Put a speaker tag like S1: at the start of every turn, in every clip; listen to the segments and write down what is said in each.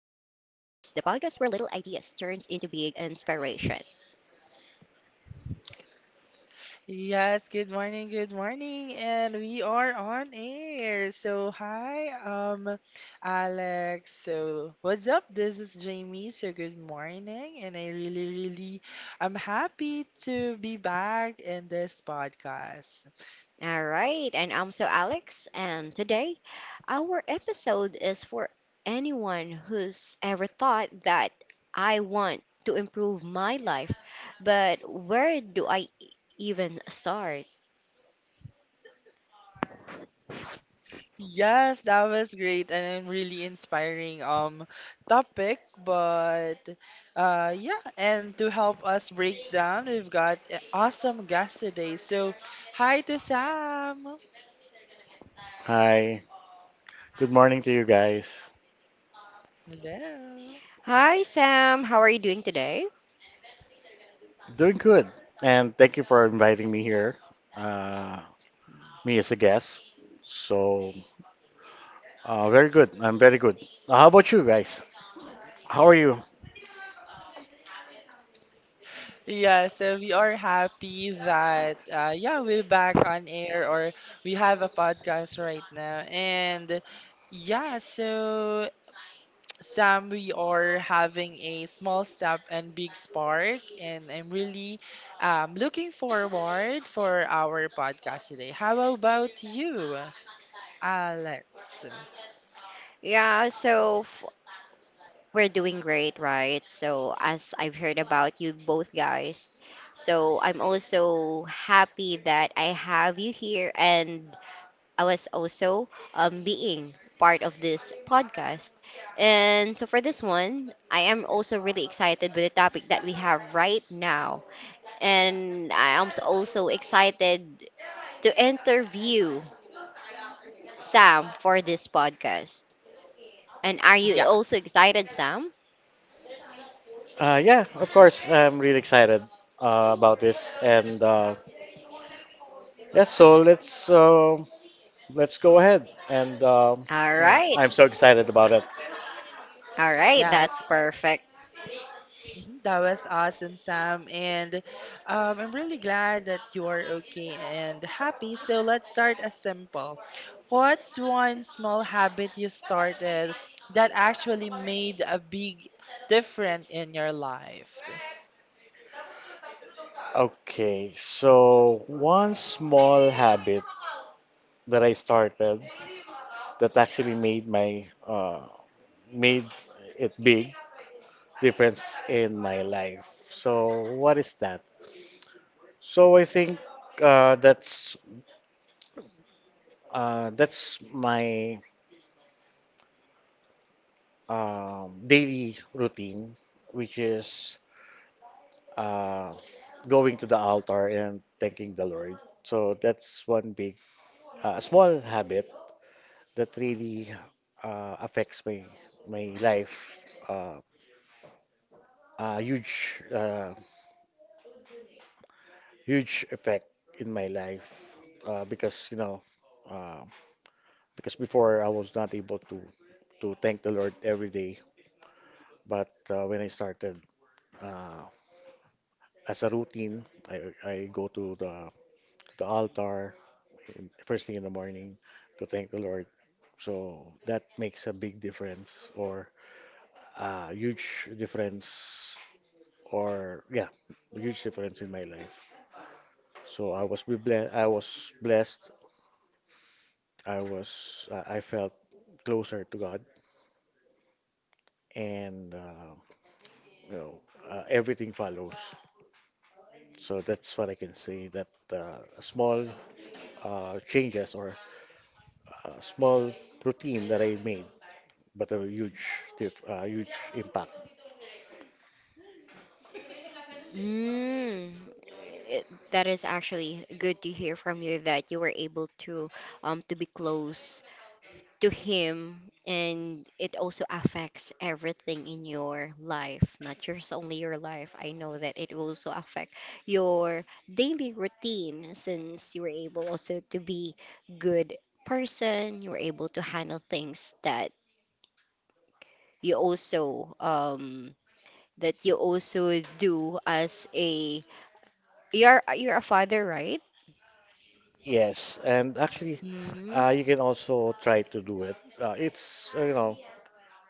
S1: podcast where little ideas turns into big inspiration.
S2: Yes, good morning, and we are on air. So, hi, Alex. So, what's up? This is Jamie. So, good morning, and I'm happy to be back in this podcast.
S1: All right, and I'm Alex, and today our episode is for anyone who's ever thought that I want to improve my life, but where do I even start?
S2: Yes, that was great, and a really inspiring topic. But yeah, and to help us break down, we've got an awesome guest today. So, hi to Sam.
S3: Hi. Good morning to you guys.
S2: Hello.
S1: Hi, Sam. How are you doing today?
S3: Doing good. And thank you for inviting me here, uh, me as a guest. So, very good. I'm very good. How about you guys? How are you?
S2: Yeah, so we are happy that yeah, we're back on air or we have a podcast right now. And yeah, so Sam, we are having a small step and big spark, and I'm really looking forward for our podcast today. How about you, Alex?
S1: Yeah, so f- We're doing great, right? So, as I've heard about you both guys, so I'm also happy that I have you here, and I was also being part of this podcast. And so, for this one, I am also really excited with the topic that we have right now, and I am also excited to interview Sam for this podcast. And are you
S2: Yeah,
S1: also excited, Sam?
S3: Yeah, of course. I'm really excited about this. And yeah, so let's go ahead. And
S1: All
S3: yeah,
S1: right.
S3: I'm so excited about it.
S1: All right,
S2: yeah,
S1: that's perfect.
S2: mhm. That was awesome, Sam. And I'm really glad that you are okay and happy. So let's start as simple. What's one small habit you started that actually made a big difference in your life?
S3: Okay, so one small habit that I started that actually made my made it big difference in my life. So what is that? So I think uh, that's that's my daily routine, which is uh, going to the altar and thanking the Lord. So that's one small habit that really affects my life. Uh, a huge effect in my life because uh, because before I was not able to thank the Lord every day, but when I started uh, as a routine, I go to the altar in, first thing in the morning to thank the Lord. So that makes a big difference or a huge difference or yeah, a huge difference in my life. So I was blessed. I felt closer to God and you know everything follows. So that's what I can say that a small changes or small routine that I made, but a huge, huge impact.
S1: Mm, that is actually good to hear from you that you were able to be close to him, and it also affects everything in your life, not just only your life. I know that it also affect your daily routine since you were able also to be good person, you were able to handle things you also um that you also do as a you're a father, right?
S3: Yes, and actually,
S1: Mm-hmm.
S3: you can also try to do it. It's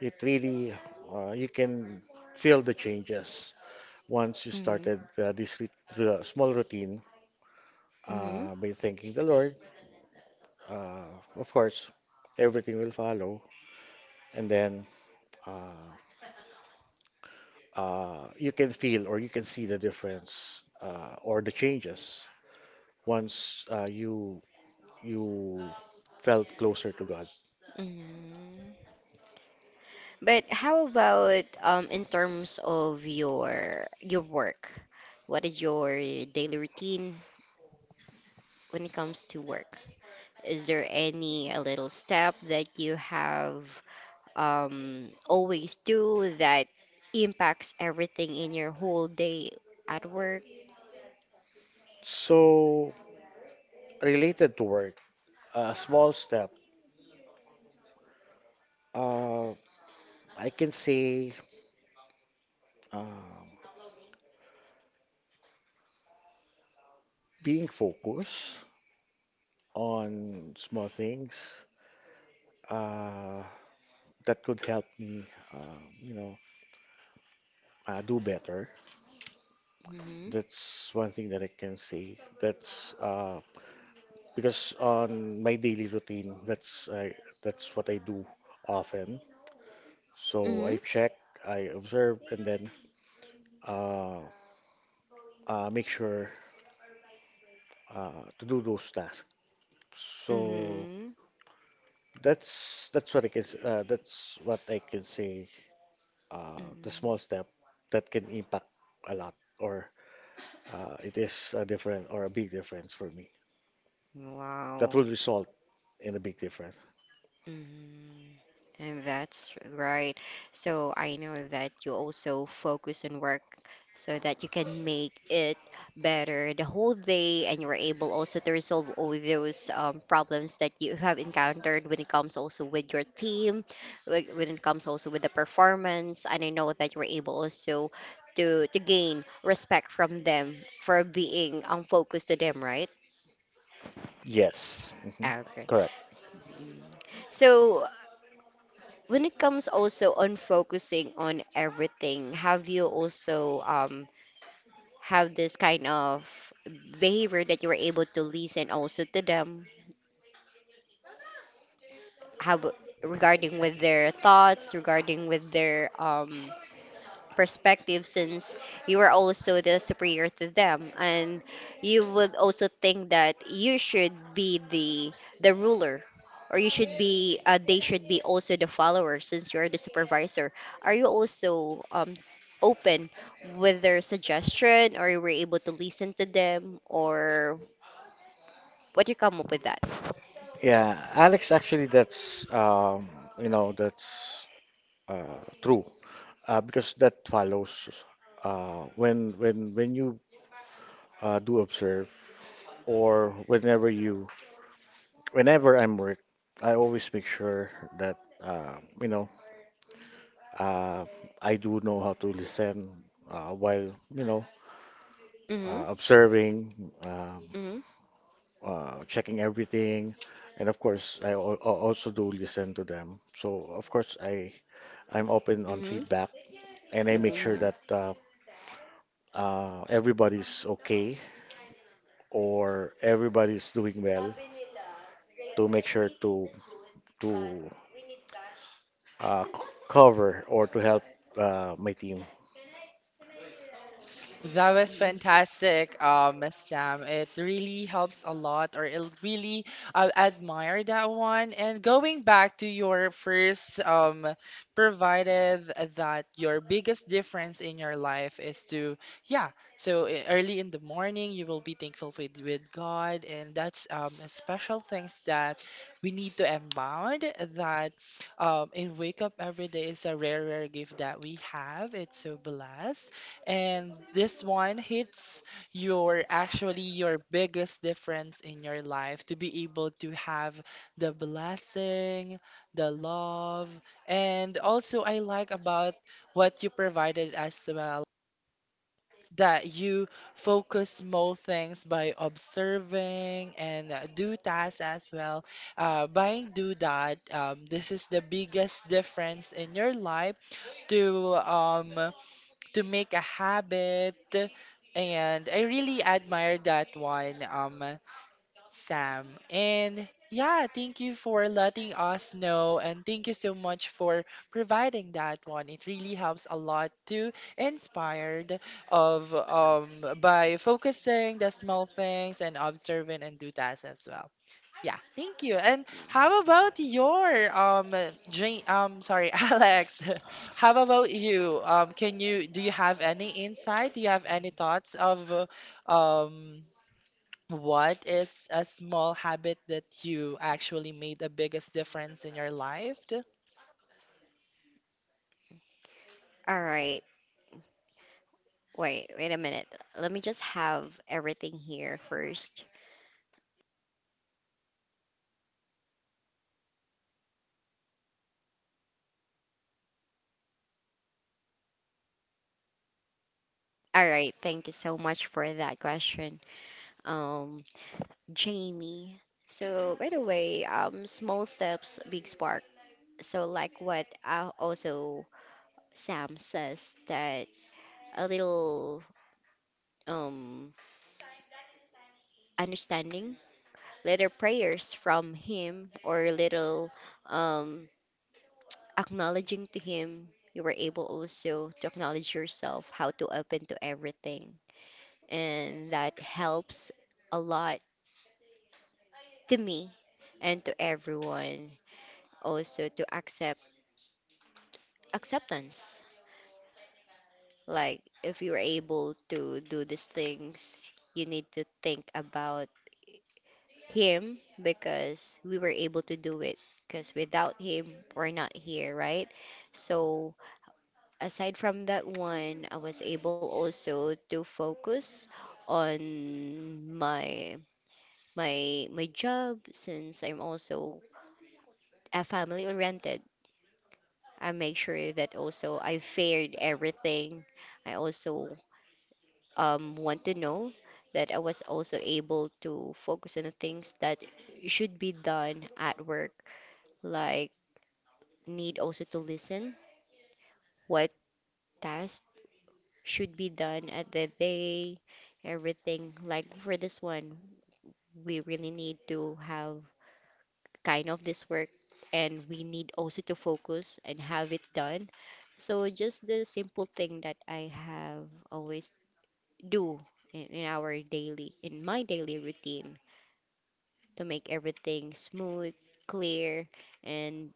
S3: it really you can feel the changes once you
S1: Mm-hmm.
S3: started this small routine
S1: Mm-hmm.
S3: by thanking the Lord. Uh, of course, everything will follow, and then uh, you can feel or you can see the difference or the changes once you felt closer to God.
S1: Mm-hmm. But how about in terms of your work? What is your daily routine when it comes to work? Is there any a little step that you have always do that impacts everything in your whole day at work?
S3: So related to work, a small step. Uh, I can say um being focused on small things uh, that could help me, do better.
S1: Mm-hmm.
S3: That's one thing that I can say. That's because on my daily routine, that's what I do often. So
S1: Mm-hmm.
S3: I check, I observe, and then uh, make sure to do those tasks. So
S1: Mm-hmm.
S3: that's what I can say. The small
S1: Mm-hmm.
S3: step that can impact a lot, or it is a different or a big difference for me. That will
S1: Wow.
S3: result in a big difference.
S1: Mhm. And that's right. So I know that you also focus on work so that you can make it better the whole day, and you're able also to resolve all those problems that you have encountered when it comes also with your team, when it comes also with the performance. And I know that you're able also to gain respect from them for being focused to them, right?
S3: Yes, mhm,
S1: Ah, okay.
S3: correct.
S1: Mm. So when it comes also on focusing on everything, have you also have this kind of behavior that you were able to listen also to them? How ab- Regarding with their thoughts, regarding with their perspective, since you are also the superior to them, and you would also think that you should be the ruler, or you should be they should be also the follower since you're the supervisor, are you also open with their suggestion, or you were able to listen to them, or what you come up with that?
S3: Yeah, Alex, actually, that's you know that's true because that follows when you do observe or whenever I'm work, I always make sure that uh, you know uh, I do know how to listen while
S1: Mm-hmm
S3: observing,
S1: mm-hmm
S3: checking everything, and of course I also do listen to them. So of course I. I'm open on
S1: mm-hmm
S3: feedback and I make sure that everybody's okay or everybody's doing well to make sure to uh, c- cover or to help my team.
S2: That was fantastic, Miss Sam. It really helps a lot, or it really I admire that one. And going back to your first, provided that your biggest difference in your life is to, yeah, so early in the morning you will be thankful with God, and that's a special things that we need to abound that in wake up every day is a rare, rare gift that we have. It's so blessed. And this one hits your actually your biggest difference in your life to be able to have the blessing, the love, and also I like about what you provided as well that you focus small things by observing and do tasks as well. By do that, this is the biggest difference in your life to um to make a habit. And I really admire that one, Sam. And yeah, thank you for letting us know, and thank you so much for providing that one. It really helps a lot to inspired of by focusing the small things and observing and do that as well. Yeah, thank you. And how about your dream sorry, Alex. How about you? Can you do you have any insight? Do you have any thoughts of um what is a small habit that you actually made the biggest difference in your life?
S1: all right, wait a minute, let me just have everything here first. All right, thank you so much for that question, um, Jamie. So, by the way, small steps, big spark. So, like what also Sam says, that a little um understanding, little prayers from him, or little um acknowledging to him, you were able also to acknowledge yourself, how to open to everything, and that helps a lot to me and to everyone also to accept acceptance. Like if you're able to do these things, you need to think about him, because we were able to do it, because without him we're not here, right? So aside from that one, I was able also to focus on my my job. Since I'm also a family oriented, I make sure that also I fared everything. I also want to know that I was also able to focus on the things that should be done at work, like need also to listen what tasks should be done at the day, everything. Like for this one, we really need to have kind of this work, and we need also to focus and have it done. So just the simple thing that I have always do in my daily routine to make everything smooth, clear, and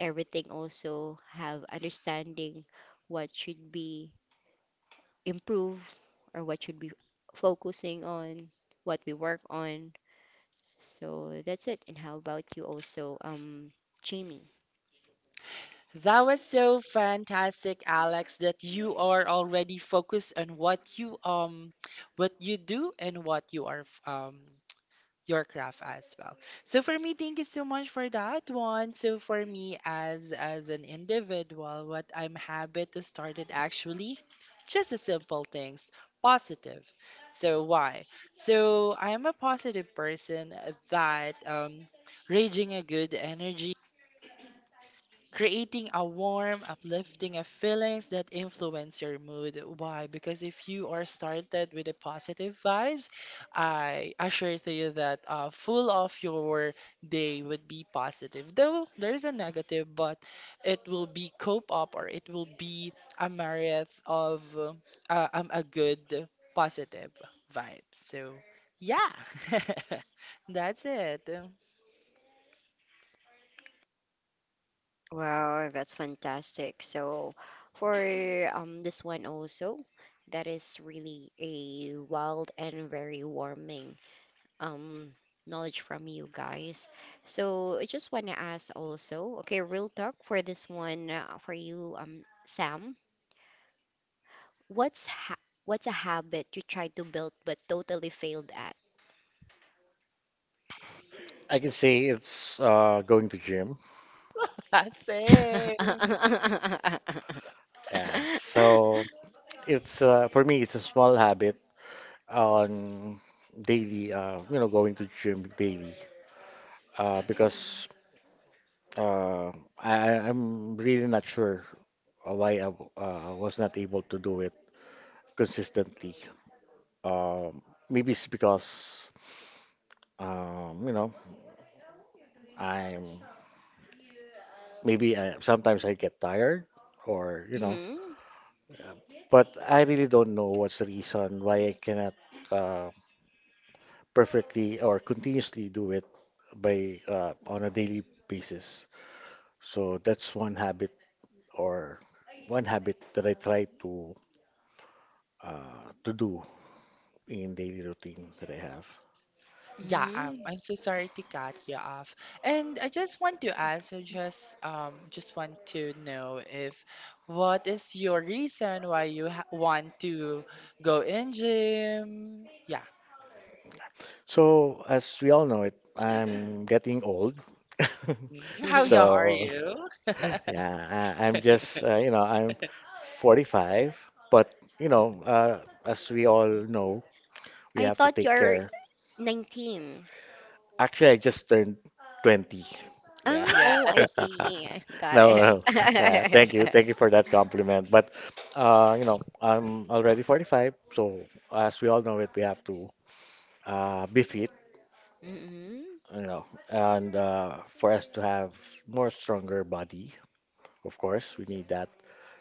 S1: everything also have understanding what should be improved or what should be focusing on what we work on. So that's it. And how about you also, Jamie?
S2: That was so fantastic, Alex, that you are already focused on what you do and what you are your craft as well. So for me, thank you so much for that one. So for me, as an individual, what I'm habit to start it actually, just the simple things, positive. So why? So I am a positive person that raging a good energy creating a warm, uplifting of feelings that influence your mood. Why? Because if you are started with a positive vibes, I assure to you that full of your day would be positive. Though there is a negative, but it will be cope up or it will be a myriad of a good positive vibe. So yeah, that's it.
S1: Wow, that's fantastic. So, for this one also, that is really a wild and very warming um knowledge from you guys. So I just want to ask also, okay, real talk for this one for you, Sam. What's ha what's a habit you tried to build but totally failed at?
S3: I can say it's going to gym.
S2: Same.
S3: Yeah. So it's for me it's a small habit on daily going to gym daily because uh, I'm really not sure why I was not able to do it consistently. Um, Maybe it's because um, you know I'm sometimes I get tired or
S1: Mm,
S3: but I really don't know what's the reason why I cannot uh, perfectly or continuously do it by on a daily basis. So that's one habit or one habit that I try to do in daily routine that I have.
S2: Yeah,
S1: mm.
S2: I'm so sorry to cut you off. And I just want to ask, I just want to know if what is your reason why you ha want to go in gym? Yeah.
S3: So as we all know it, I'm getting old.
S2: Mm, how young are
S3: So
S2: you?
S3: yeah, I, I'm just, you know, I'm 45, but, you know, uh, as we all know, we
S1: I
S3: have to
S1: thought
S3: take
S1: you're
S3: care.
S1: 19.
S3: Actually, I just turned 20. Yeah.
S2: Yeah.
S1: Oh, I see. Got
S3: No,
S1: it.
S3: no. Thank you. Thank you for that compliment. But, I'm already 45, so as we all know it, we have to be fit,
S1: Mm-mm.
S3: you know, and for us to have more stronger body, of course, we need that.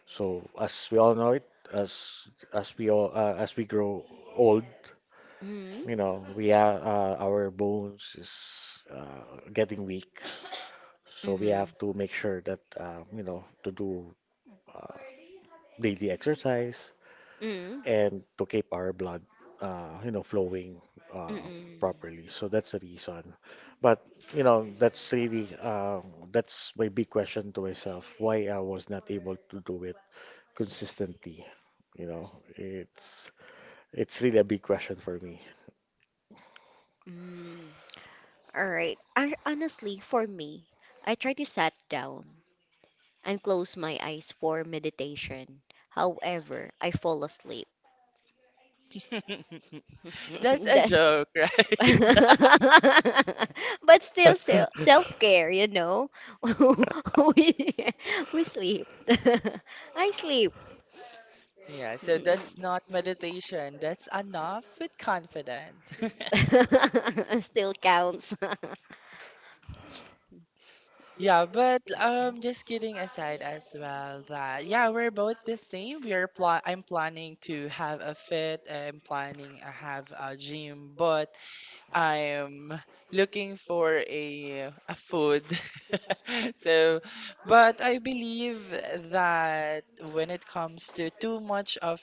S3: So as we all know it, as we grow old,
S1: Mm-mm.
S3: we have our bones is getting weak. So we
S1: Mm-mm.
S3: have to make sure that to do daily exercise
S1: Mm-mm.
S3: and to keep our blood flowing uh, properly. So that's the reason. But that's my big question to myself: why I was not able to do it consistently. You know, it's It's really a big question for me.
S1: Mm, all right. I, honestly, for me, I try to sit down and close my eyes for meditation. However, I fall asleep.
S2: That's a
S1: That-
S2: joke, right?
S1: but still, self care, we, we sleep. I sleep.
S2: Yeah, so that's
S1: Mm.
S2: not meditation. That's enough with confident.
S1: Still counts.
S2: Yeah, but just kidding aside as well that yeah, we're both the same. We are pla I'm planning to have a fit. I'm planning to have a gym, but I'm looking for a food. So, but I believe that when it comes to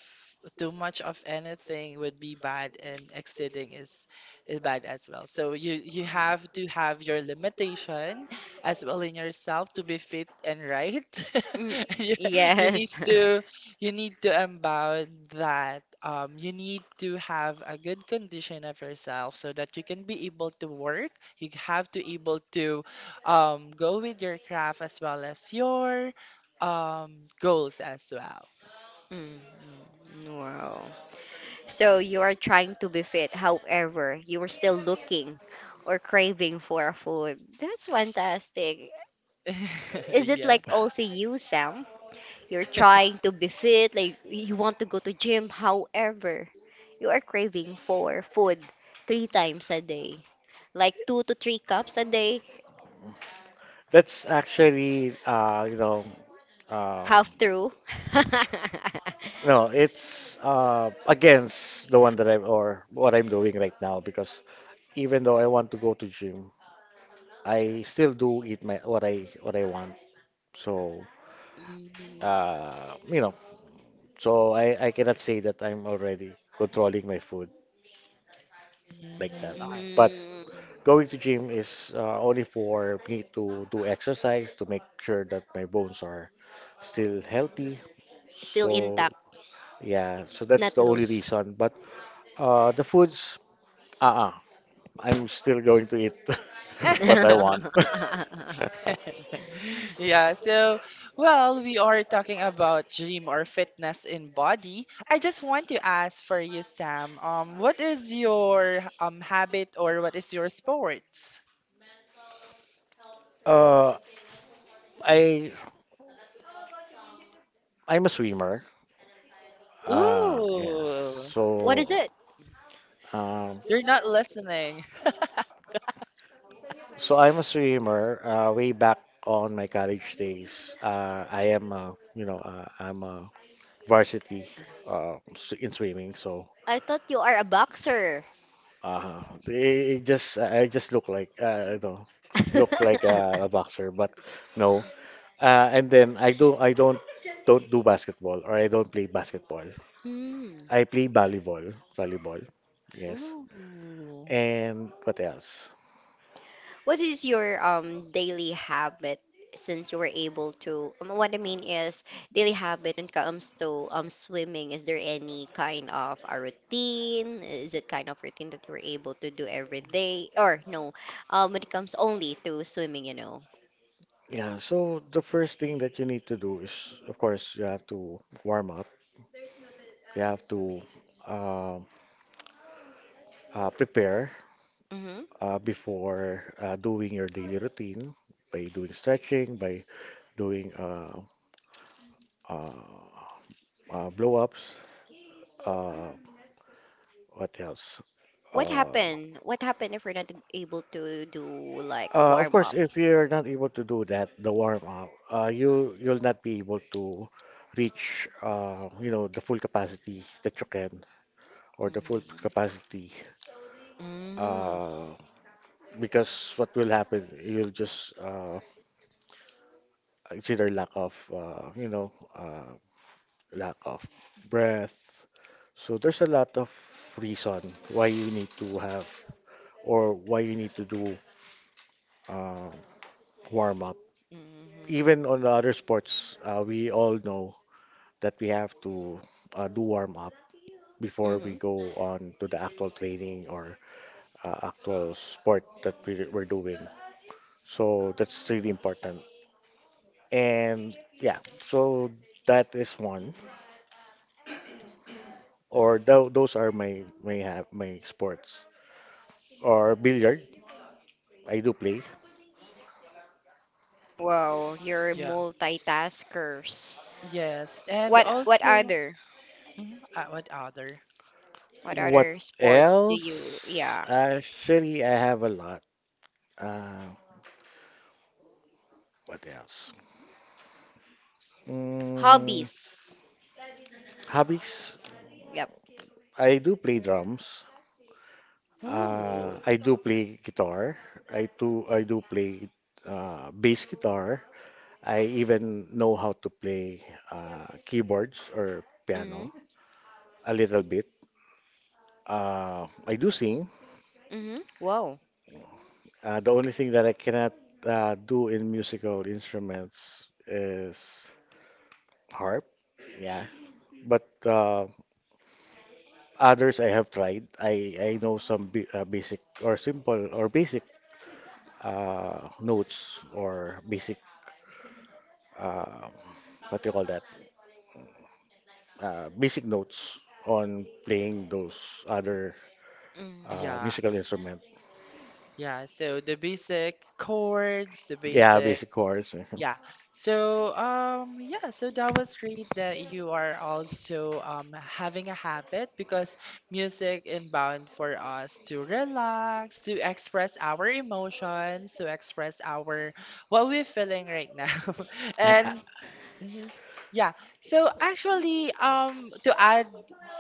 S2: too much of anything would be bad and exceeding is bad as well. So you have to have your limitation as well in yourself to be fit and right.
S1: Mm,
S2: You, you need
S1: yes.
S2: to you need to unbound that you need to have a good condition of yourself so that you can be able to work. You have to able to go with your craft as well as your goals as well.
S1: Mm, mm, wow. So you are trying to be fit, however, you are still looking or craving for a food. That's fantastic. Is it
S2: Yeah.
S1: like also you, Sam? You're trying to be fit, like you want to go to gym, however, you are craving for food three times a day. Like two to three cups a day,
S3: That's actually,
S1: half
S3: um,
S1: through.
S3: no, it's against the one that I'm or what I'm doing right now because even though I want to go to gym, I still do eat my what I want. So
S1: Mm,
S3: uh, you know, so I cannot say that I'm already controlling my food like that.
S2: Mm, nice.
S3: But
S1: mm,
S3: going to gym is only for me to do exercise to make sure that my bones are still healthy.
S1: still
S3: So
S1: intact,
S3: yeah, so that's
S1: not
S3: the only
S1: loose.
S3: reason. But the foods, uh-uh, I'm still going to eat what I want.
S2: Yeah, so, well, we are talking about gym or fitness in body. I just want to ask for you, Sam, what is your habit or what is your sports?
S3: Uh, I I'm a swimmer. Yes.
S2: Ooh,
S1: What
S3: So
S1: is it?
S3: um,
S2: you're not listening.
S3: so I'm a swimmer. Way back on my college days, I am a, you know, I'm a varsity in swimming. So
S1: I thought you are a boxer.
S3: they just I just look like I don't look like a boxer, but no. And then I don't do basketball or I don't play basketball.
S1: Mm.
S3: I play volleyball. Yes.
S2: Ooh,
S3: And what else?
S1: What is your daily habit since you were able to what I mean is daily habit when it comes to swimming, is there any kind of a routine? Is it kind of routine that you were able to do every day? Or no, when it comes only to swimming,
S3: Yeah, so the first thing that you need to do is, of course, you have to warm up. You have to um prepare
S1: Mm-hmm.
S3: before doing your daily routine by doing stretching, by doing uh, blow ups. Uh, what else?
S1: What
S3: Uh,
S1: happened? What happened if we're not able to do like
S3: of
S1: warm
S3: course,
S1: up?
S3: if you're not able to do that, the warm up, you'll not be able to reach the full capacity that you can or the full
S1: Mm-hmm.
S3: capacity
S1: Mm-hmm.
S3: uh, because what will happen you'll just it's either lack of lack of breath. So there's a lot of reason why you need to have or why you need to do uh, warm up. Even on the other sports, we all know that we have to do warm up before
S1: Mm-hmm.
S3: we go on to the actual training or actual sport that we're doing. So that's really important. And yeah, so that is one. Or those are my my sports. Or billiard, I do play.
S1: Wow, you're
S2: yeah,
S1: multitaskers.
S2: yes, and
S1: What what
S2: also,
S1: other
S2: mhm, what other?
S1: what
S3: What
S1: other sports do you?
S3: else?
S1: Yeah.
S3: Actually, I have a lot. Uh, what else? Mm,
S1: Hobbies.
S3: Hobbies.
S1: Yep.
S3: I do play drums.
S2: Ooh,
S3: I do play guitar. I do play bass guitar. I even know how to play keyboards or piano
S1: Mhm.
S3: a little bit. I do sing.
S1: Mhm. Wow.
S3: The only thing that I cannot do in musical instruments is harp. Yeah. But others I have tried. I know some bi basic or simple or basic notes or basic uh, what do you call that? Basic notes on playing those other
S1: Mm.
S2: yeah,
S3: musical instrument.
S2: yeah. So the basic chords, the
S3: Yeah,
S2: basic,
S3: basic chords.
S2: yeah. So yeah. So that was great that you are also having a habit because music inbound for us to relax, to express our emotions, to express our what we're feeling right now,
S3: Yeah,
S2: and hmm. Yeah. So actually, to add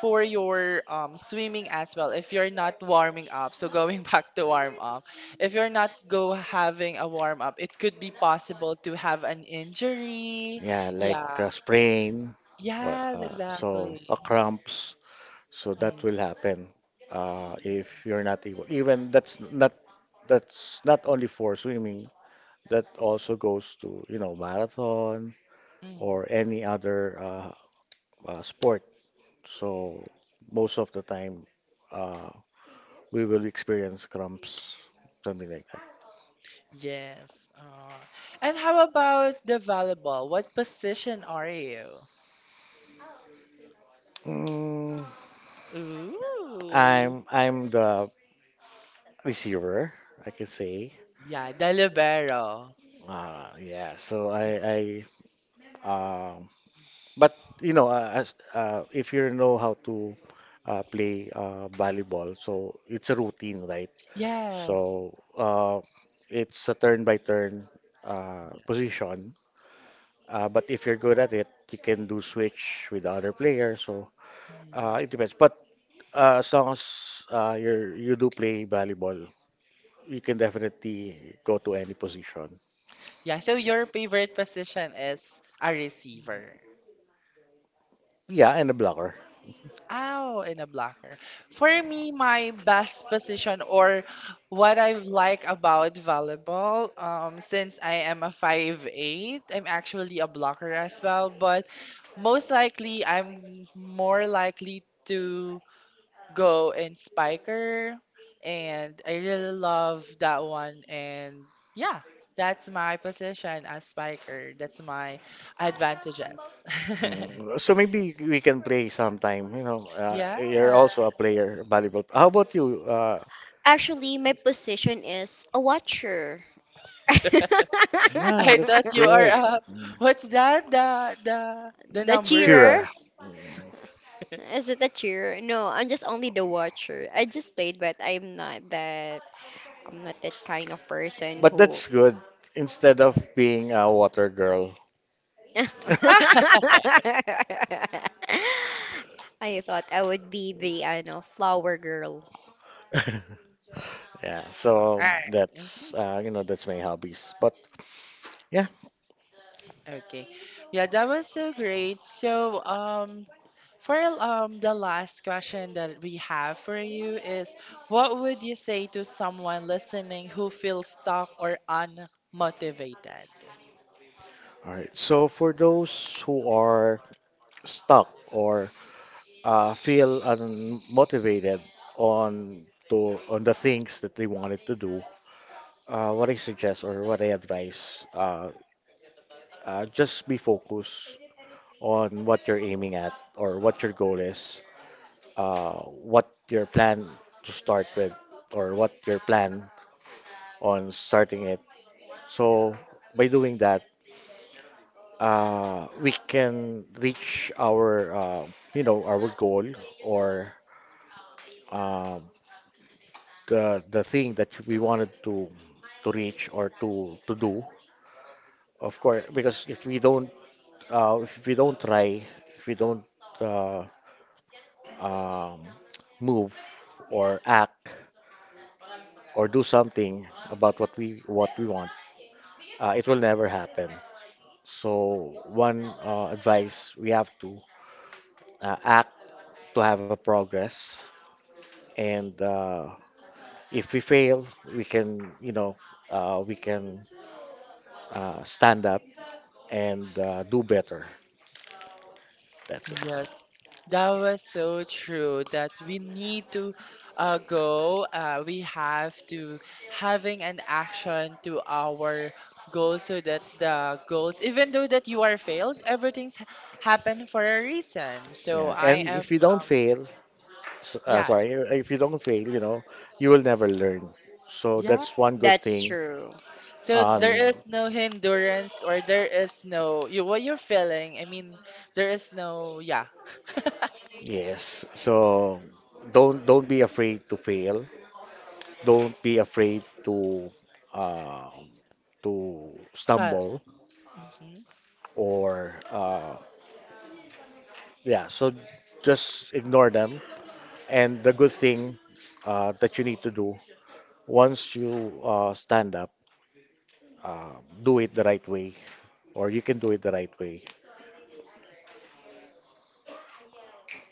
S2: for your swimming as well, if you're not warming up, so going back to warm up, if you're not go having a warm up, it could be possible to have an injury.
S3: yeah, like
S2: Yeah.
S3: a sprain,
S2: Yes,
S3: so a
S2: exactly.
S3: cramps. So that
S2: Mm,
S3: will happen if you're not able. Even that's not only for swimming. That also goes to marathon
S2: mm.
S3: or any other sport. So most of the time, uh, we will experience cramps, something like that.
S2: Yes. Uh, and how about the volleyball? What position are you?
S3: Mm,
S2: Ooh.
S3: I'm the receiver, I can say.
S2: Yeah, the libero.
S3: Yeah. So I but you know, as if you know how to play volleyball, so it's a routine, right?
S2: Yes.
S3: So it's a turn by turn position. But if you're good at it, you can do switch with the other player. So
S2: Mm.
S3: it depends. But as long as you do play volleyball, you can definitely go to any position.
S2: Yeah, so your favorite position is a receiver.
S3: Yeah, and a blocker.
S2: Ow, and a blocker. For me, my best position or what I like about volleyball, since I am a 5'8", I'm actually a blocker as well, but most likely I'm more likely to Go and Spiker. And I really love that one. And yeah, that's my position as Spiker. That's my advantages.
S3: So maybe we can play sometime. You know,
S2: Yeah.
S3: you're also a player volleyball. How about you?
S1: Actually, my position is a watcher.
S3: Yeah,
S2: I
S3: that's
S2: thought you are
S3: good. Mm.
S2: what's that? The
S1: The
S2: number
S1: cheerer?
S2: sign.
S3: Cheerer.
S1: Is it a cheerer? No, I'm just only the watcher. I just played, but I'm not that kind of person
S3: But
S1: who
S3: that's good instead of being a water girl.
S2: Ah,
S1: I thought I would be the I know flower girl.
S3: Yeah, so
S2: all right.
S3: that's you know that's my hobbies. But yeah,
S2: Okay. Yeah, that was so great. So, for the last question that we have for you is, what would you say to someone listening who feels stuck or unmotivated?
S3: all right. So for those who are stuck or feel unmotivated on the things that they wanted to do, what I suggest or what I advise, just be focused on what you're aiming at or what your goal is. What your plan to start with or what your plan on starting it. So by doing that, we can reach our you know our goal or uh, the thing that we wanted to reach or to do. Of course, because if we don't try, if we don't uh, um, move or act or do something about what we want. It will never happen. So one advice we have to act to have a progress, and if we fail, we can stand up and do better. That's it.
S2: Yes, that was so true that we need to go. We have to having an action to our goals so that the goals, even though that you are failed, everything's happened for a reason. So
S3: Yeah, and
S2: I am,
S3: if you don't fail,
S2: yeah,
S3: sorry, if you don't fail, you know you will never learn. So
S2: yeah.
S3: that's one good
S1: That's
S3: thing.
S1: true.
S2: So there
S3: Um,
S2: is no hindrance or there is no you what you're feeling. I mean, there is no yeah.
S3: yes. So don't be afraid to fail. Don't be afraid um, to
S2: Fa-
S3: stumble
S2: mhm.
S3: or yeah, so just ignore them. And the good thing that you need to do once you stand up, uh, do it the right way or you can do it the right way.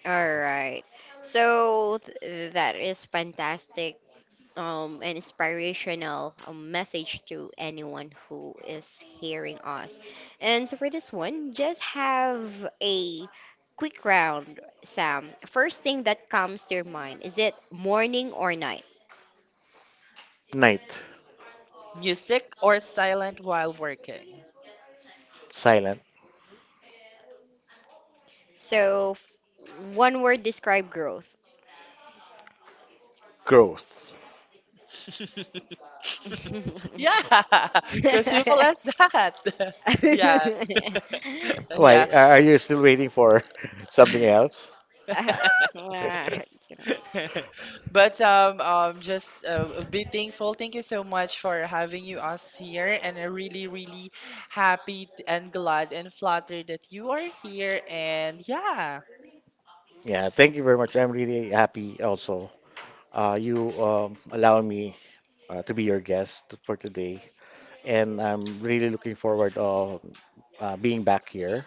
S1: All right. That is fantastic and inspirational, message to anyone who is hearing us. And so for this one, just have a quick round, Sam. First thing that comes to your mind, is it morning or night?
S3: Night.
S2: Music or silent while working.
S3: Silent.
S1: One word describe growth.
S3: Growth.
S1: Mm.
S2: Yeah, so simple as that. Yeah,
S3: Why
S2: yeah.
S3: are you still waiting for something else?
S2: But just be thankful. Thank you so much for having you us here, and I'm really, really happy and glad and flattered that you are here. And yeah,
S3: yeah, thank you very much. I'm really happy also. You allow me to be your guest for today, and I'm really looking forward of being back here.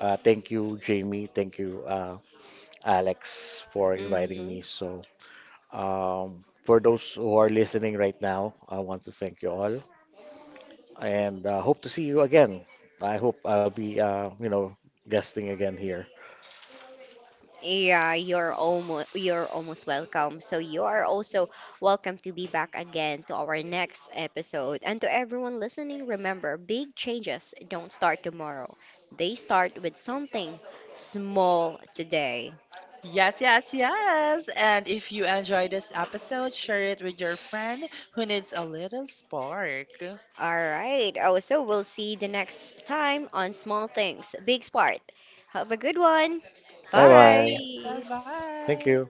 S3: Thank you, Jamie. Thank you, Alex, for inviting me.
S1: Mhm.
S3: So, for those who are listening right now, I want to thank you all, and hope to see you again. I hope I'll be, guesting again here.
S1: Yeah, you're almost welcome. So you are also welcome to be back again to our next episode. And to everyone listening, remember, big changes don't start tomorrow. They start with something small today.
S2: yes, yes, yes. And if you enjoy this episode, share it with your friend who needs a little spark.
S1: All right. Oh, so we'll see the next time on Small Things, Big Sport. Have a good one.
S3: Bye
S2: Have a great day.
S3: bye.
S2: Bye
S1: Bye.
S3: Thank
S2: bye.
S3: you.